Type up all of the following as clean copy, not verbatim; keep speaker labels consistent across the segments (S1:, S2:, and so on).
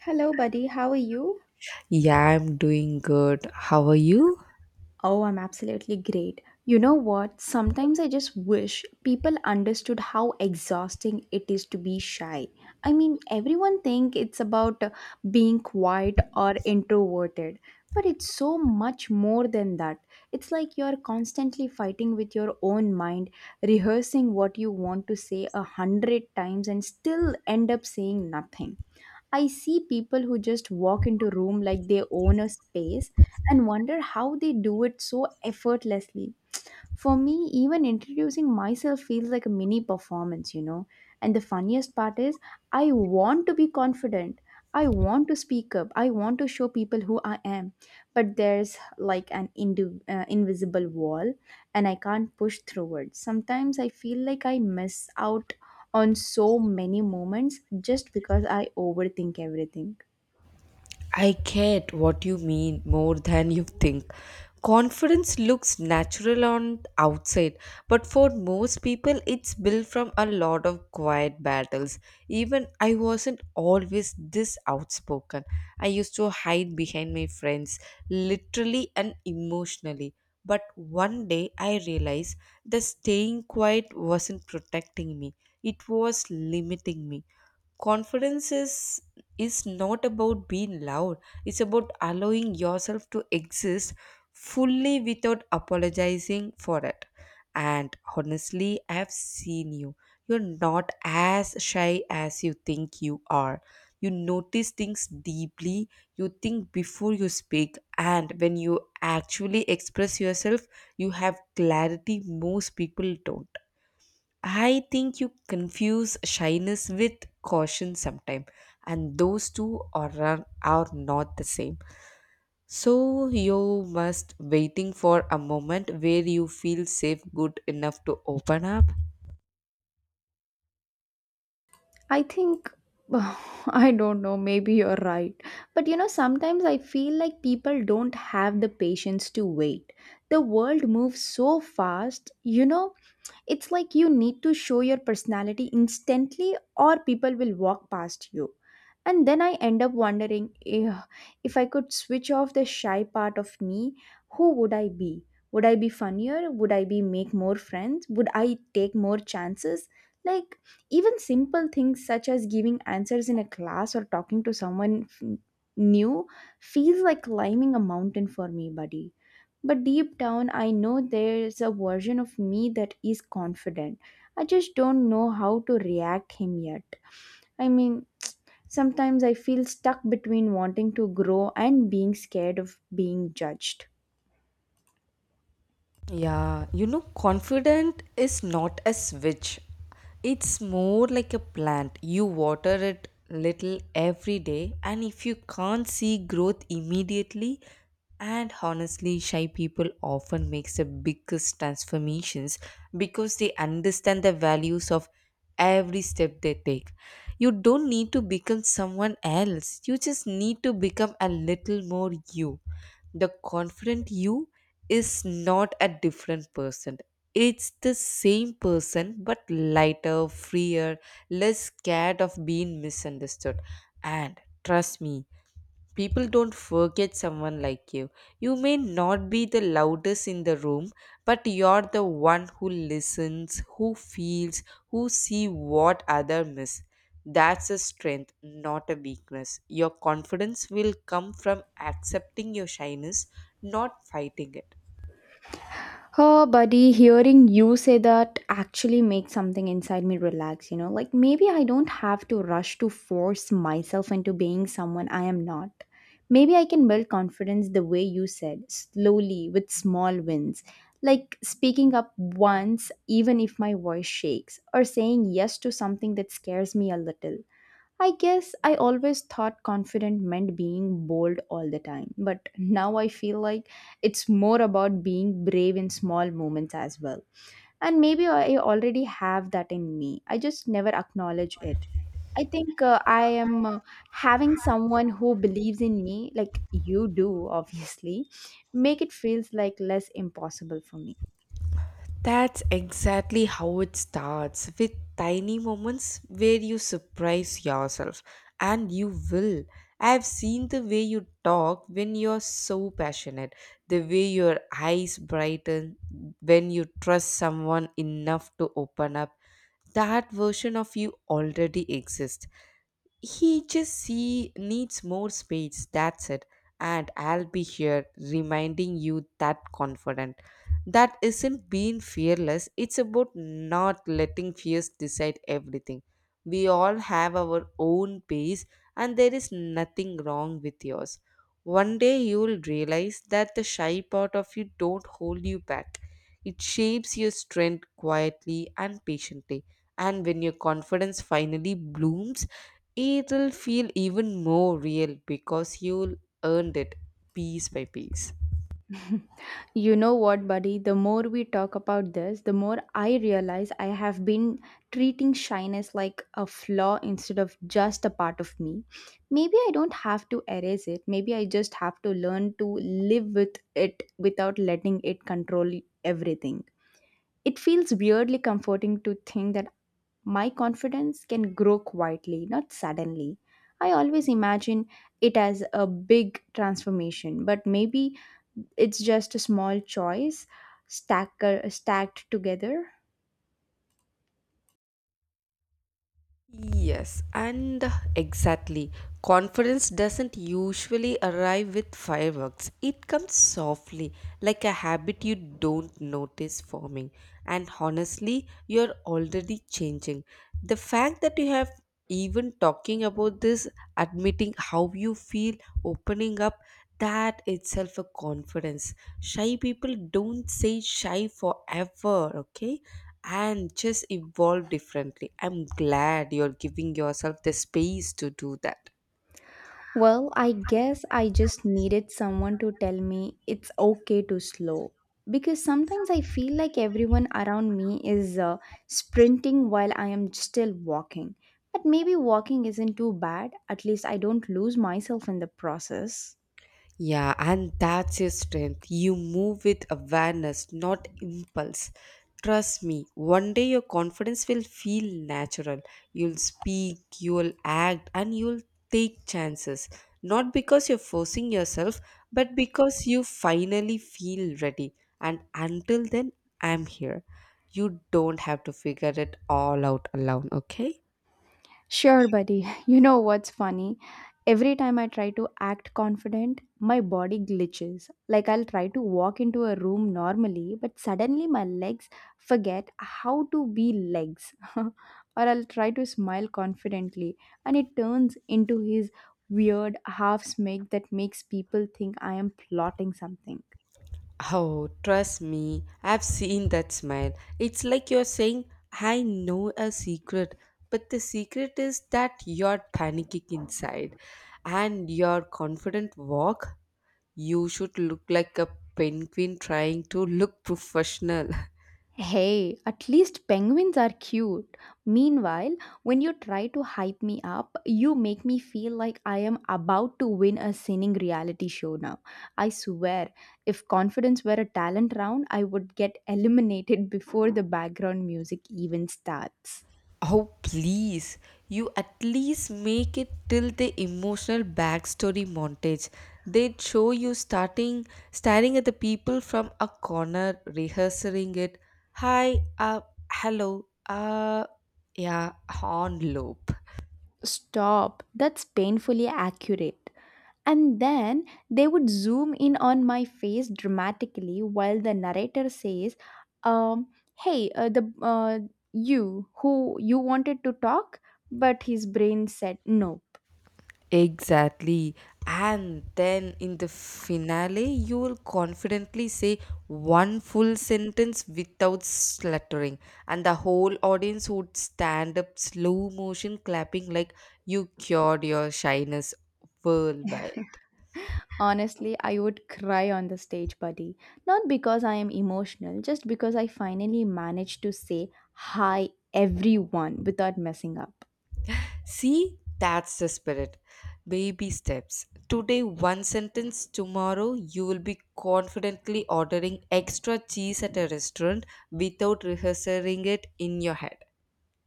S1: Hello, buddy. How are you?
S2: Yeah, I'm doing good. How are you?
S1: Oh, I'm absolutely great. You know what? Sometimes I just wish people understood how exhausting it is to be shy. I mean, everyone think it's about being quiet or introverted, but it's so much more than that. It's like you're constantly fighting with your own mind, rehearsing what you want to say a hundred times and still end up saying nothing. I see people who just walk into room like they own a space and wonder how they do it so effortlessly. For me, even introducing myself feels like a mini performance, you know. And the funniest part is, I want to be confident. I want to speak up. I want to show people who I am. But there's like an invisible wall, and I can't push through it. Sometimes I feel like I miss out on so many moments just because I overthink everything.
S2: I get what you mean more than you think. Confidence looks natural on outside, but for most people it's built from a lot of quiet battles. Even I wasn't always this outspoken. I used to hide behind my friends literally and emotionally. But one day I realized that staying quiet wasn't protecting me. It was limiting me. Confidence is not about being loud. It's about allowing yourself to exist fully without apologizing for it. And honestly, I've seen you. You're not as shy as you think you are. You notice things deeply. You think before you speak, and when you actually express yourself, you have clarity most people don't. I think you confuse shyness with caution sometimes, and those two are not the same. So you must waiting for a moment where you feel safe good enough to open up.
S1: I think, I don't know, maybe you're right. But you know, sometimes I feel like people don't have the patience to wait. The world moves so fast, you know, it's like you need to show your personality instantly, or people will walk past you. And then I end up wondering, "Ugh, if I could switch off the shy part of me, who would I be? Would I be funnier? Would I be make more friends? Would I take more chances? Like even simple things such as giving answers in a class or talking to someone new feels like climbing a mountain for me, buddy. But deep down, I know there's a version of me that is confident. I just don't know how to react him yet. I mean, sometimes I feel stuck between wanting to grow and being scared of being judged.
S2: Yeah, you know, confident is not a switch. It's more like a plant. You water it little every day, and if you can't see growth immediately, and honestly, shy people often makes the biggest transformations because they understand the values of every step they take. You don't need to become someone else, you just need to become a little more you. The confident you is not a different person. It's the same person but lighter, freer, less scared of being misunderstood. And trust me, people don't forget someone like you. You may not be the loudest in the room, but you're the one who listens, who feels, who see what other miss. That's a strength, not a weakness. Your confidence will come from accepting your shyness, not fighting it.
S1: Oh, buddy, hearing you say that actually makes something inside me relax, you know? Like maybe I don't have to rush to force myself into being someone I am not. Maybe I can build confidence the way you said, slowly with small wins. Like speaking up once, even if my voice shakes, or saying yes to something that scares me a little. I guess I always thought confident meant being bold all the time, but now I feel like it's more about being brave in small moments as well. And maybe I already have that in me, I just never acknowledge it. I think I am having someone who believes in me, like you do, obviously, make it feels like less impossible for me.
S2: That's exactly how it starts, with tiny moments where you surprise yourself, and you will. I've seen the way you talk when you're so passionate, the way your eyes brighten when you trust someone enough to open up. That version of you already exists, he needs more space, that's it. And I'll be here reminding you that confident. That isn't being fearless, it's about not letting fears decide everything. We all have our own pace, and there is nothing wrong with yours. One day you will realize that the shy part of you don't hold you back. It shapes your strength quietly and patiently. And when your confidence finally blooms, it'll feel even more real because you'll earned it piece by piece.
S1: You know what, buddy? The more we talk about this, the more I realize I have been treating shyness like a flaw instead of just a part of me. Maybe I don't have to erase it. Maybe I just have to learn to live with it without letting it control everything. It feels weirdly comforting to think that my confidence can grow quietly, not suddenly. I always imagine it as a big transformation, but maybe it's just a small choice stacker, stacked together.
S2: Yes, and exactly. Confidence doesn't usually arrive with fireworks. It comes softly, like a habit you don't notice forming. And honestly, you're already changing. The fact that you have even talking about this, admitting how you feel, opening up, that itself a confidence. Shy people don't say shy forever, okay? And just evolve differently. I'm glad you're giving yourself the space to do that.
S1: Well, I guess I just needed someone to tell me it's okay to slow. Because sometimes I feel like everyone around me is sprinting while I am still walking. But maybe walking isn't too bad, at least I don't lose myself in the process.
S2: Yeah, and that's your strength. You move with awareness, not impulse. Trust me, one day your confidence will feel natural. You'll speak, you'll act, and you'll take chances. Not because you're forcing yourself, but because you finally feel ready. And until then, I'm here. You don't have to figure it all out alone, okay?
S1: Sure, buddy. You know what's funny? Every time I try to act confident, my body glitches. Like I'll try to walk into a room normally, but suddenly my legs forget how to be legs. Or I'll try to smile confidently, and it turns into his weird half smile that makes people think I am plotting something.
S2: Oh, trust me, I've seen that smile. It's like you're saying, I know a secret, but the secret is that you're panicking inside and your confident walk. You should look like a penguin trying to look professional.
S1: Hey, at least penguins are cute. Meanwhile, when you try to hype me up, you make me feel like I am about to win a singing reality show now. I swear, if confidence were a talent round, I would get eliminated before the background music even starts.
S2: Oh, please. You at least make it till the emotional backstory montage. They'd show you starting staring at the people from a corner, rehearsing it. Hi, uh, hello, uh, yeah, on loop.
S1: Stop, that's painfully accurate. And then they would zoom in on my face dramatically while the narrator says, um, Hey, the you who you wanted to talk, but his brain said nope.
S2: Exactly. And then in the finale, you will confidently say one full sentence without stuttering, and the whole audience would stand up slow motion clapping like you cured your shyness worldwide.
S1: Honestly, I would cry on the stage, buddy. Not because I am emotional, just because I finally managed to say hi everyone without messing up.
S2: See, that's the spirit. Baby steps. Today, one sentence. Tomorrow, you will be confidently ordering extra cheese at a restaurant without rehearsing it in your head.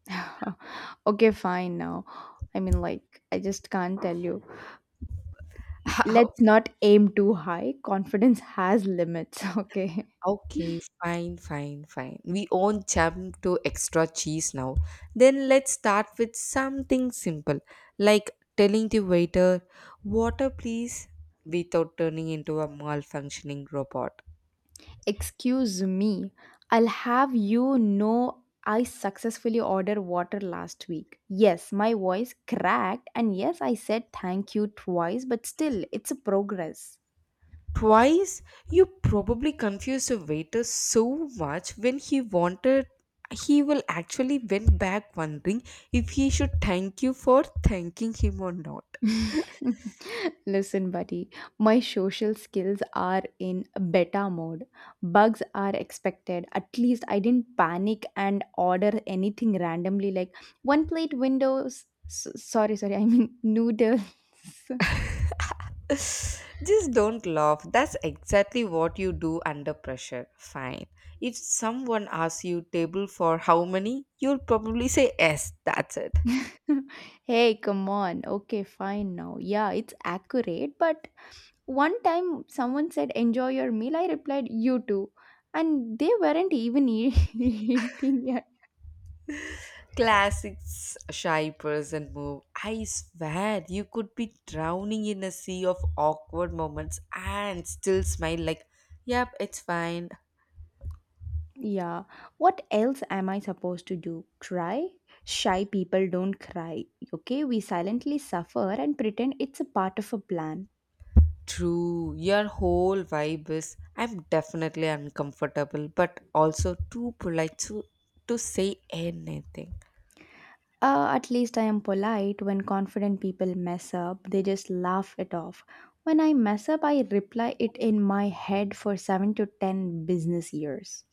S1: Okay, fine now. I mean, like, I just can't tell you. Let's not aim too high. Confidence has limits, okay?
S2: Okay, fine, fine, fine. We won't jump to extra cheese now. Then let's start with something simple, like telling the waiter, water please, without turning into a malfunctioning robot.
S1: Excuse me, I'll have you know I successfully ordered water last week. Yes, my voice cracked, and yes, I said thank you twice, but still, it's a progress.
S2: Twice, you probably confused the waiter so much when he wanted, he will actually went back wondering if he should thank you for thanking him or not.
S1: Listen, buddy, my social skills are in beta mode. Bugs are expected. At least I didn't panic and order anything randomly like one plate windows. Sorry, sorry, I mean noodles.
S2: Just don't laugh. That's exactly what you do under pressure. Fine. If someone asks you table for how many, you'll probably say yes, that's it.
S1: Hey, come on. Okay, fine now. Yeah, it's accurate, but one time someone said, "Enjoy your meal." I replied, "You too." And they weren't even eating. Yeah.
S2: Classic shy person move. I swear you could be drowning in a sea of awkward moments and still smile like, yep, it's fine.
S1: Yeah. What else am I supposed to do? Cry? Shy people don't cry. Okay, we silently suffer and pretend it's a part of a plan.
S2: True, your whole vibe is I'm definitely uncomfortable, but also too polite to say anything.
S1: At least I am polite. When confident people mess up, they just laugh it off. When I mess up, I reply it in my head for 7 to 10 business years.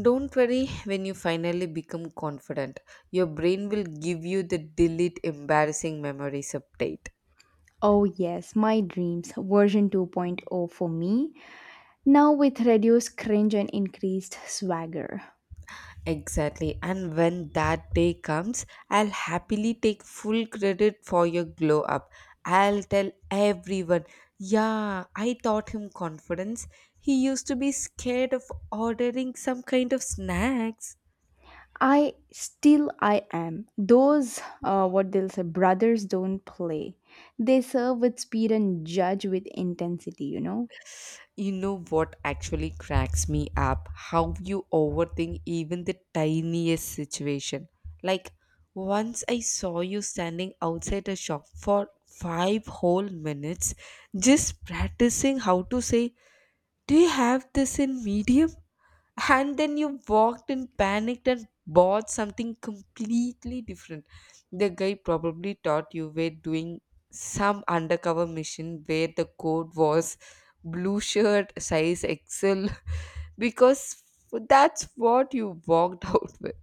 S2: Don't worry, when you finally become confident, your brain will give you the delete embarrassing memories update.
S1: Oh, yes, my dreams, version 2.0 for me, now with reduced cringe and increased swagger.
S2: Exactly. And when that day comes, I'll happily take full credit for your glow up. I'll tell everyone, yeah, I taught him confidence. He used to be scared of ordering some kind of snacks.
S1: I still I am. Those what they'll say brothers don't play. They serve with speed and judge with intensity, you know.
S2: You know what actually cracks me up? How you overthink even the tiniest situation. Like, once I saw you standing outside a shop for five whole minutes just practicing how to say, do you have this in medium? And then you walked in panicked and bought something completely different. The guy probably thought you were doing some undercover mission where the code was blue shirt size XL because that's what you walked out with.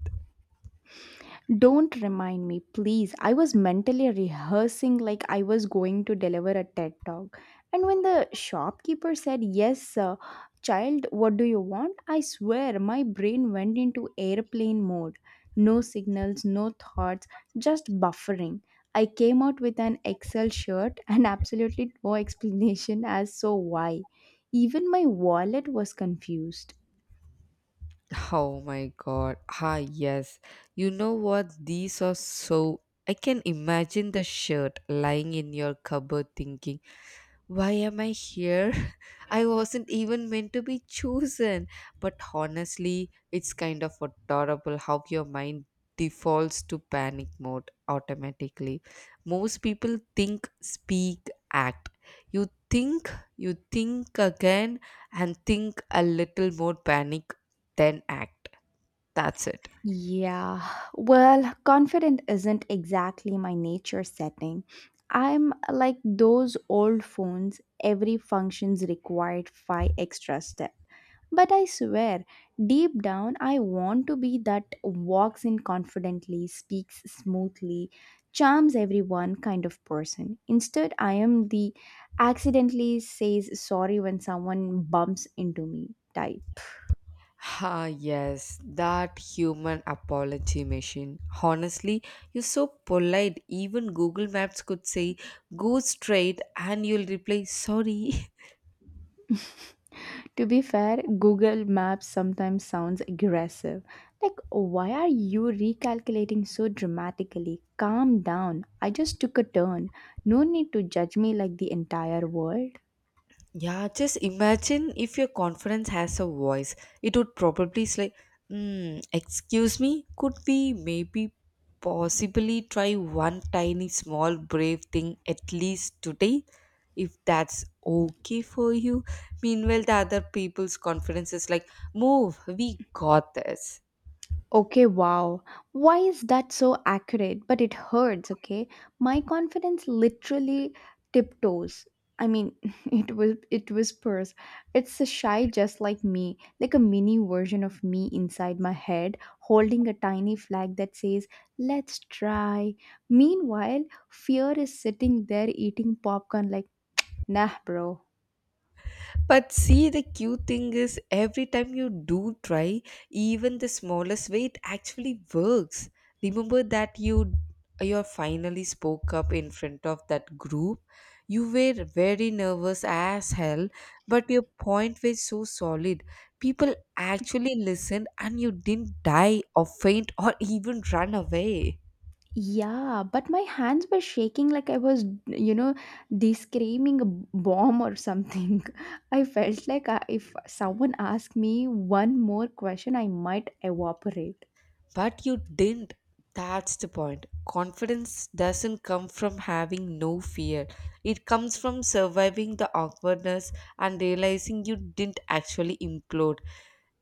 S1: Don't remind me, please. I was mentally rehearsing like I was going to deliver a TED talk. And when the shopkeeper said, "Yes, child, what do you want?" I swear my brain went into airplane mode. No signals, no thoughts, just buffering. I came out with an Excel shirt and absolutely no explanation as so why. Even my wallet was confused.
S2: Oh my god. Ah, yes. You know what? These are so. I can imagine the shirt lying in your cupboard thinking. Why am I here? I wasn't even meant to be chosen. But honestly, it's kind of adorable how your mind defaults to panic mode automatically. Most people think, speak, act. You think, you think again, and think a little more panic, then act. That's it.
S1: Yeah, well, confident isn't exactly my nature setting. I'm like those old phones, every function's required five extra steps. But I swear, deep down, I want to be that walks in confidently, speaks smoothly, charms everyone kind of person. Instead, I am the accidentally says sorry when someone bumps into me type.
S2: Ah, yes, that human apology machine. Honestly, you're so polite. Even Google Maps could say, go straight, and you'll reply, sorry.
S1: To be fair, Google Maps sometimes sounds aggressive. Like, why are you recalculating so dramatically? Calm down. I just took a turn. No need to judge me like the entire world.
S2: Yeah, just imagine if your conference has a voice. It would probably say, excuse me, could we maybe possibly try one tiny small brave thing at least today? If that's okay for you. Meanwhile, the other people's conference is like, move, we got this.
S1: Okay, wow. Why is that so accurate? But it hurts, okay? My confidence literally tiptoes. I mean, it whispers. It's a shy just like me, like a mini version of me inside my head, holding a tiny flag that says, "Let's try." Meanwhile, fear is sitting there eating popcorn like, "Nah, bro."
S2: But see, the cute thing is, every time you do try, even the smallest way, it actually works. Remember that you finally spoke up in front of that group. You were very nervous as hell, but your point was so solid. People actually listened, and you didn't die or faint or even run away.
S1: Yeah, but my hands were shaking like I was, you know, descreaming a bomb or something. I felt like I, if someone asked me one more question, I might evaporate.
S2: But you didn't. That's the point. Confidence doesn't come from having no fear, it comes from surviving the awkwardness and realizing you didn't actually implode.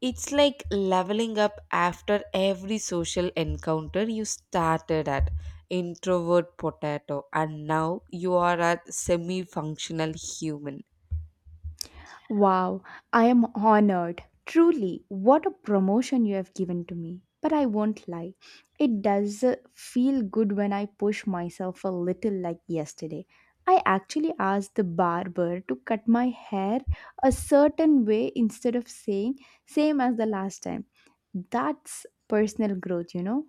S2: It's like leveling up after every social encounter. You started at introvert potato, and now you are a semi functional human.
S1: Wow, I am honored. Truly, what a promotion you have given to me. But I won't lie, it does feel good when I push myself a little, like yesterday. I actually asked the barber to cut my hair a certain way instead of saying same as the last time. That's personal growth, you know.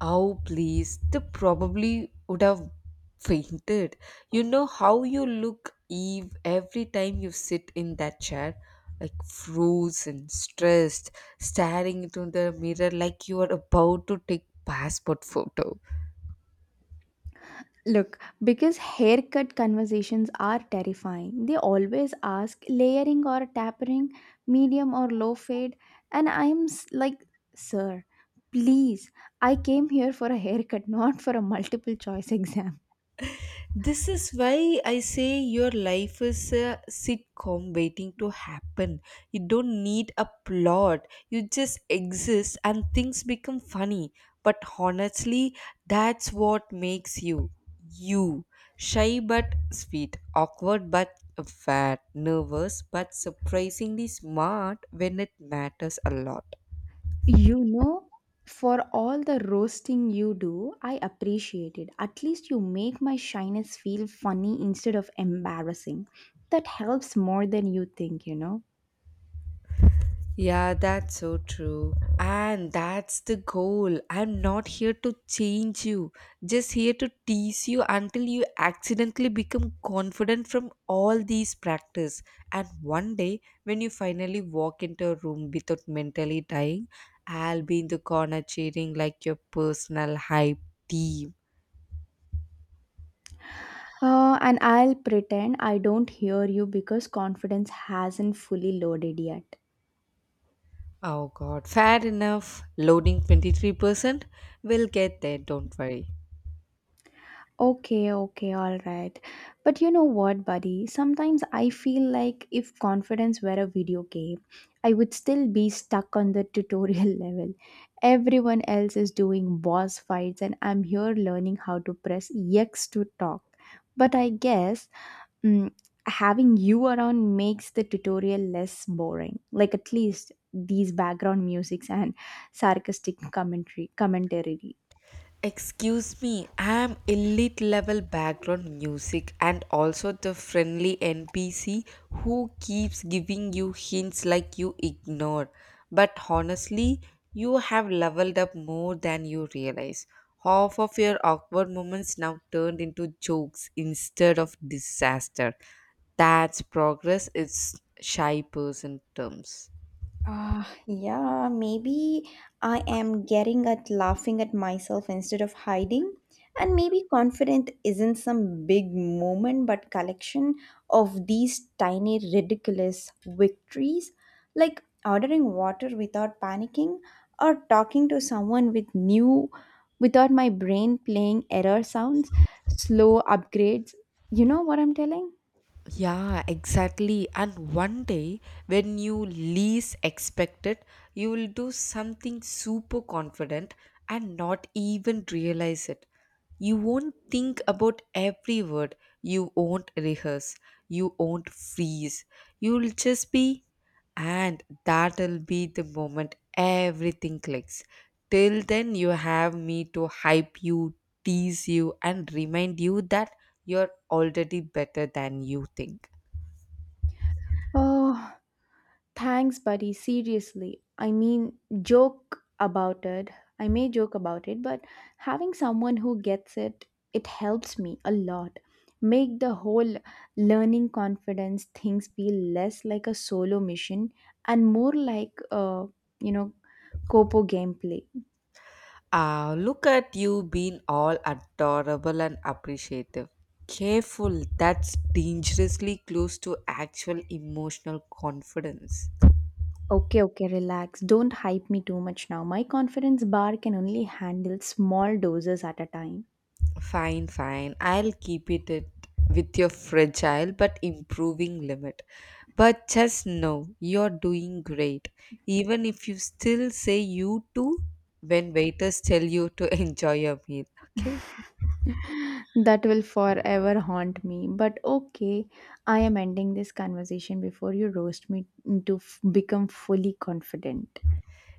S2: Oh, please. They probably would have fainted. You know how you look, Eve, every time you sit in that chair, like frozen, stressed, staring into the mirror like you are about to take passport photo.
S1: Look, because haircut conversations are terrifying. They always ask layering or tapering, medium or low fade, and like, sir, please, I came here for a haircut, not for a multiple choice exam.
S2: This is why I say your life is a sitcom waiting to happen. You don't need a plot. You just exist and things become funny. But honestly, that's what makes you you. Shy but sweet, awkward but fat, nervous but surprisingly smart when it matters a lot.
S1: You know, for all the roasting you do, I appreciate it. At least you make my shyness feel funny instead of embarrassing. That helps more than you think, you know.
S2: Yeah, that's so true. And that's the goal. I'm not here to change you, just here to tease you until you accidentally become confident from all these practice. And one day, when you finally walk into a room without mentally dying, I'll be in the corner cheering like your personal hype team.
S1: And I'll pretend I don't hear you because confidence hasn't fully loaded yet.
S2: Oh god, fair enough. Loading 23%. We'll get there, don't worry.
S1: Okay, okay, all right. But you know what, buddy? Sometimes I feel like if confidence were a video game, I would still be stuck on the tutorial level. Everyone else is doing boss fights, and I'm here learning how to press X to talk. But I guess mm, having you around makes the tutorial less boring, like at least these background musics and sarcastic commentary.
S2: Excuse me, I'm elite level background music and also the friendly NPC who keeps giving you hints like you ignore. But honestly, you have leveled up more than you realize. Half of your awkward moments now turned into jokes instead of disaster. That's progress, it's shy person terms.
S1: Ah, yeah, maybe I am getting at laughing at myself instead of hiding. And maybe confident isn't some big moment, but collection of these tiny ridiculous victories, like ordering water without panicking or talking to someone with new without my brain playing error sounds, slow upgrades. You know what I'm telling?
S2: Yeah, exactly. And one day, when you least expect it, you will do something super confident and not even realize it. You won't think about every word, you won't rehearse, you won't freeze. You'll just be, and that'll be the moment everything clicks. Till then, you have me to hype you, tease you, and remind you that. You're already better than you think.
S1: Oh, thanks, buddy. Seriously. I mean, joke about it. I may joke about it, but having someone who gets it, it helps me a lot. Make the whole learning confidence things feel less like a solo mission and more like, you know, Copo gameplay.
S2: Ah, look at you being all adorable and appreciative. Careful, that's dangerously close to actual emotional confidence.
S1: Okay, okay, relax. Don't hype me too much now. My confidence bar can only handle small doses at a time.
S2: Fine, fine. I'll keep it at, with your fragile but improving limit. But just know you're doing great, even if you still say you too when waiters tell you to enjoy your meal. Okay?
S1: That will forever haunt me. But okay, I am ending this conversation before you roast me to become fully confident.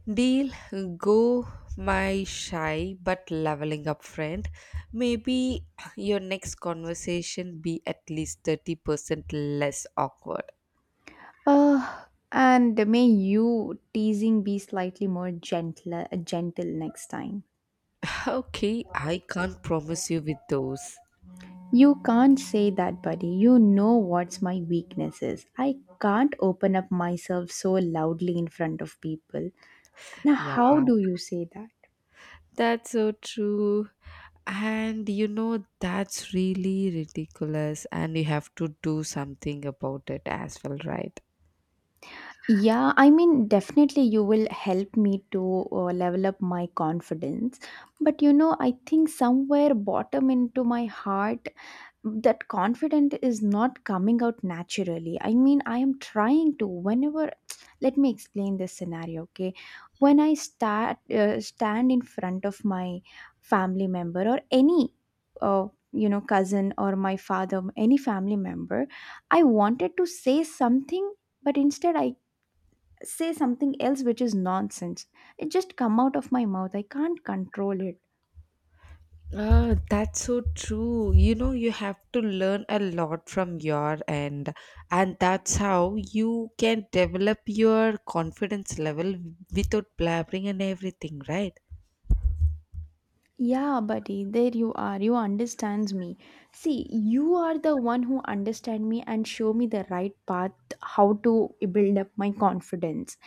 S2: Deal, go, my shy but leveling up friend. Maybe your next conversation be at least 30% less awkward.
S1: Uh, and may you teasing be slightly more gentle next time.
S2: Okay, I can't promise you with those.
S1: You can't say that, buddy. You know what's my weakness is. I can't open up myself so loudly in front of people. Now,
S2: Yeah,
S1: how do you say that?
S2: that's so true. And you know, that's really ridiculous, and you have to do something about it as well, right?
S1: Yeah, I mean, definitely you will help me to level up my confidence. But you know, I think somewhere bottom into my heart, that confidence is not coming out naturally. I mean, I am trying to, whenever, let me explain this scenario, okay? When I stand in front of my family member or any, you know, cousin or my father, any family member, I wanted to say something but instead I say something else which is nonsense. It just come out of my mouth. I can't control it.
S2: Ah, that's so true. You know, you have to learn a lot from your end, and that's how you can develop your confidence level without blabbering and everything, right?
S1: Yeah, buddy, there you are. You understands me. See, you are the one who understand me and show me the right path how to build up my confidence.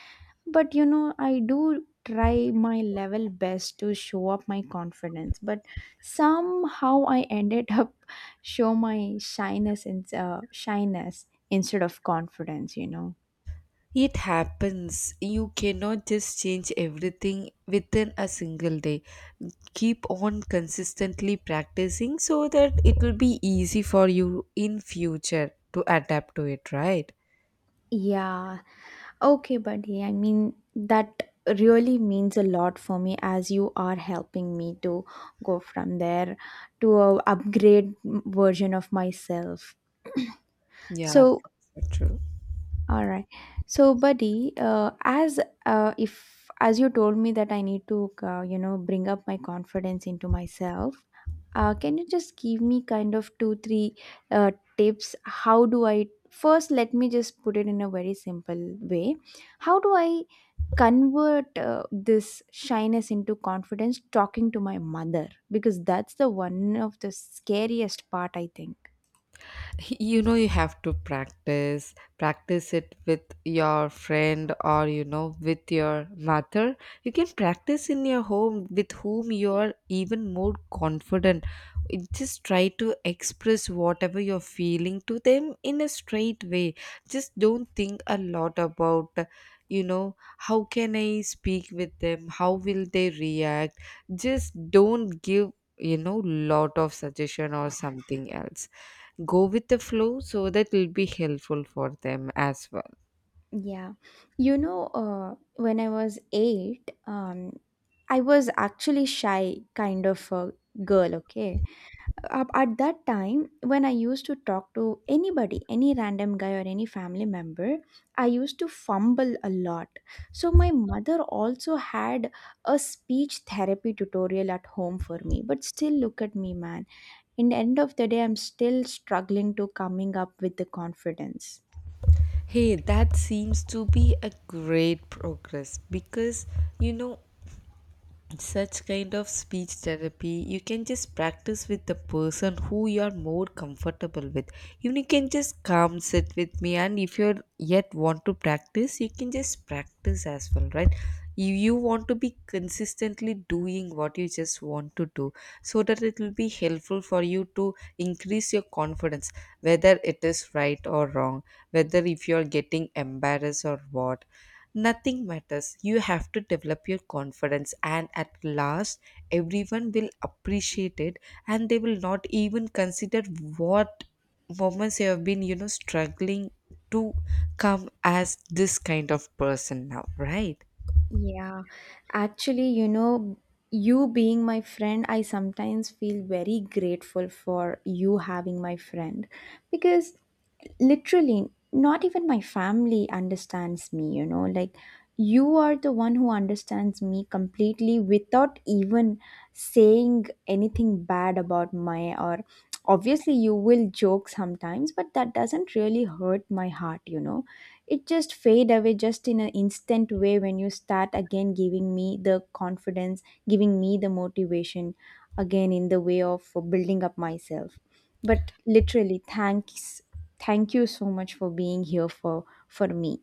S1: But you know, I do try my level best to show up my confidence, but somehow I ended up show my shyness and shyness instead of confidence, you know.
S2: It happens. You cannot just change everything within a single day. Keep on consistently practicing so that it will be easy for you in future to adapt to it, right?
S1: Yeah, okay, buddy. I mean, that really means a lot for me as you are helping me to go from there to a upgrade version of myself.
S2: Yeah, that's
S1: So,
S2: so true.
S1: all right. So, buddy, as if as you told me that I need to, you know, bring up my confidence into myself. Can you just give me kind of two, three uh, tips? How do I first? Let me just put it in a very simple way. How do I convert this shyness into confidence talking to my mother because that's the one of the scariest part I think.
S2: You know, you have to practice it with your friend, or you know, with your mother. You can practice in your home with whom you are even more confident. Just try to express whatever you're feeling to them in a straight way. Just don't think a lot about, you know, how can I speak with them, how will they react. Just don't give, you know, lot of suggestion or something else. Go with the flow, so that will be helpful for them as well.
S1: Yeah, you know, when I was 8, I was actually shy kind of a girl, okay. At that time when I used to talk to anybody, any random guy or any family member, I used to fumble a lot. So my mother also had a speech therapy tutorial at home for me, but still look at me, man. In the end of the day, I'm still struggling to coming up with the confidence.
S2: Hey, that seems to be a great progress because, you know, such kind of speech therapy you can just practice with the person who you are more comfortable with. You can just come sit with me, and if you're yet want to practice, you can just practice as well, right? You want to be consistently doing what you just want to do, so that it will be helpful for you to increase your confidence, whether it is right or wrong, whether if you are getting embarrassed or what, nothing matters. You have to develop your confidence, and at last, everyone will appreciate it and they will not even consider what moments you have been, you know, struggling to come as this kind of person now, right?
S1: Yeah, actually, you know, you being my friend, I sometimes feel very grateful for you having my friend because literally not even my family understands me, you know, like you are the one who understands me completely without even saying anything bad about my, or obviously you will joke sometimes but that doesn't really hurt my heart, you know. It just fade away just in an instant way when you start again giving me the confidence, giving me the motivation again in the way of building up myself. But literally thanks, thank you so much for being here for me.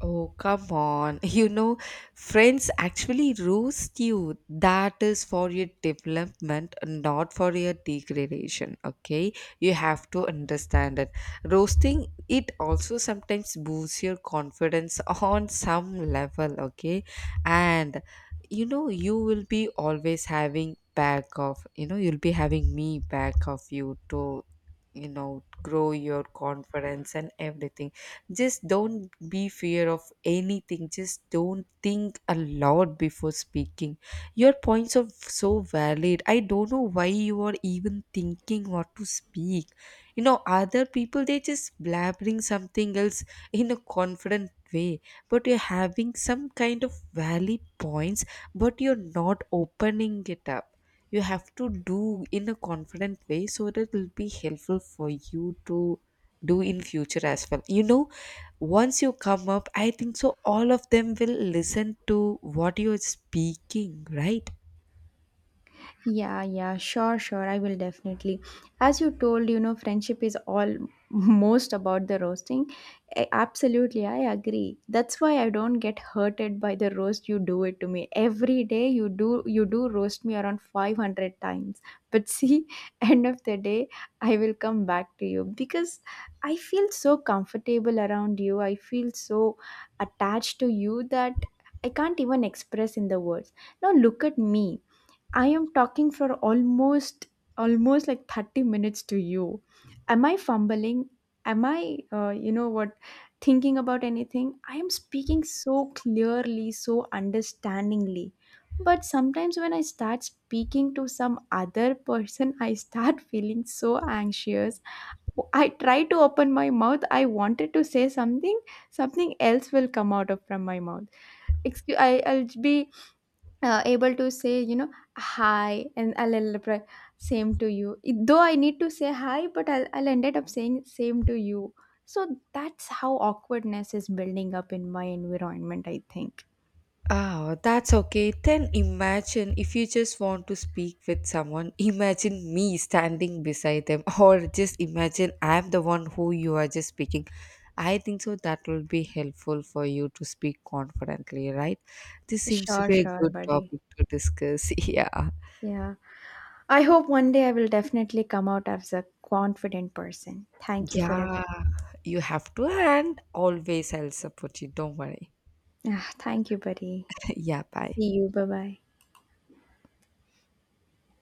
S2: Oh, come on. You know, friends actually roast you. That is for your development, not for your degradation. Okay? You have to understand it. Roasting, it also sometimes boosts your confidence on some level. Okay? And, you know, you will be always having back of, you know, you'll be having me back of you to, you know, grow your confidence and everything. Just don't be fear of anything, just don't think a lot before speaking. Your points are so valid, I don't know why you are even thinking what to speak. You know, other people they just blabbering something else in a confident way, but you're having some kind of valid points, but you're not opening it up. You have to do in a confident way, so that it will be helpful for you to do in future as well, you know. Once you come up, I think so all of them will listen to what you're speaking, right?
S1: Yeah, yeah, sure, sure. I will definitely. As you told, you know, friendship is all most about the roasting. Absolutely, I agree. That's why I don't get hurted by the roast you do it to me. Every day you do roast me around 500 times. But see, end of the day, I will come back to you because I feel so comfortable around you. I feel so attached to you that I can't even express in the words. Now look at me. I am talking for almost like 30 minutes to you. Am I fumbling? Am I you know what, thinking about anything? I am speaking so clearly, so understandingly. But sometimes when I start speaking to some other person, I start feeling so anxious. I try to open my mouth. I wanted to say something, something else will come out of from my mouth. Excuse I'll be able to say, you know, hi, and I'll end up like, same to you. Though I need to say hi, but I'll ended up saying same to you. So that's how awkwardness is building up in my environment, I think.
S2: Ah, that's okay. Then imagine if you just want to speak with someone, imagine me standing beside them, or just imagine I'm the one who you are just speaking. I think so that will be helpful for you to speak confidently, right? This seems to
S1: Sure,
S2: be a
S1: sure,
S2: good
S1: buddy.
S2: topic to discuss. Yeah.
S1: Yeah, I hope one day I will definitely come out as a confident person. Thank you for
S2: Yeah,
S1: everything.
S2: you have to, and always I'll support you. Don't worry.
S1: Ah, thank you, buddy.
S2: Yeah, bye.
S1: See you, bye bye.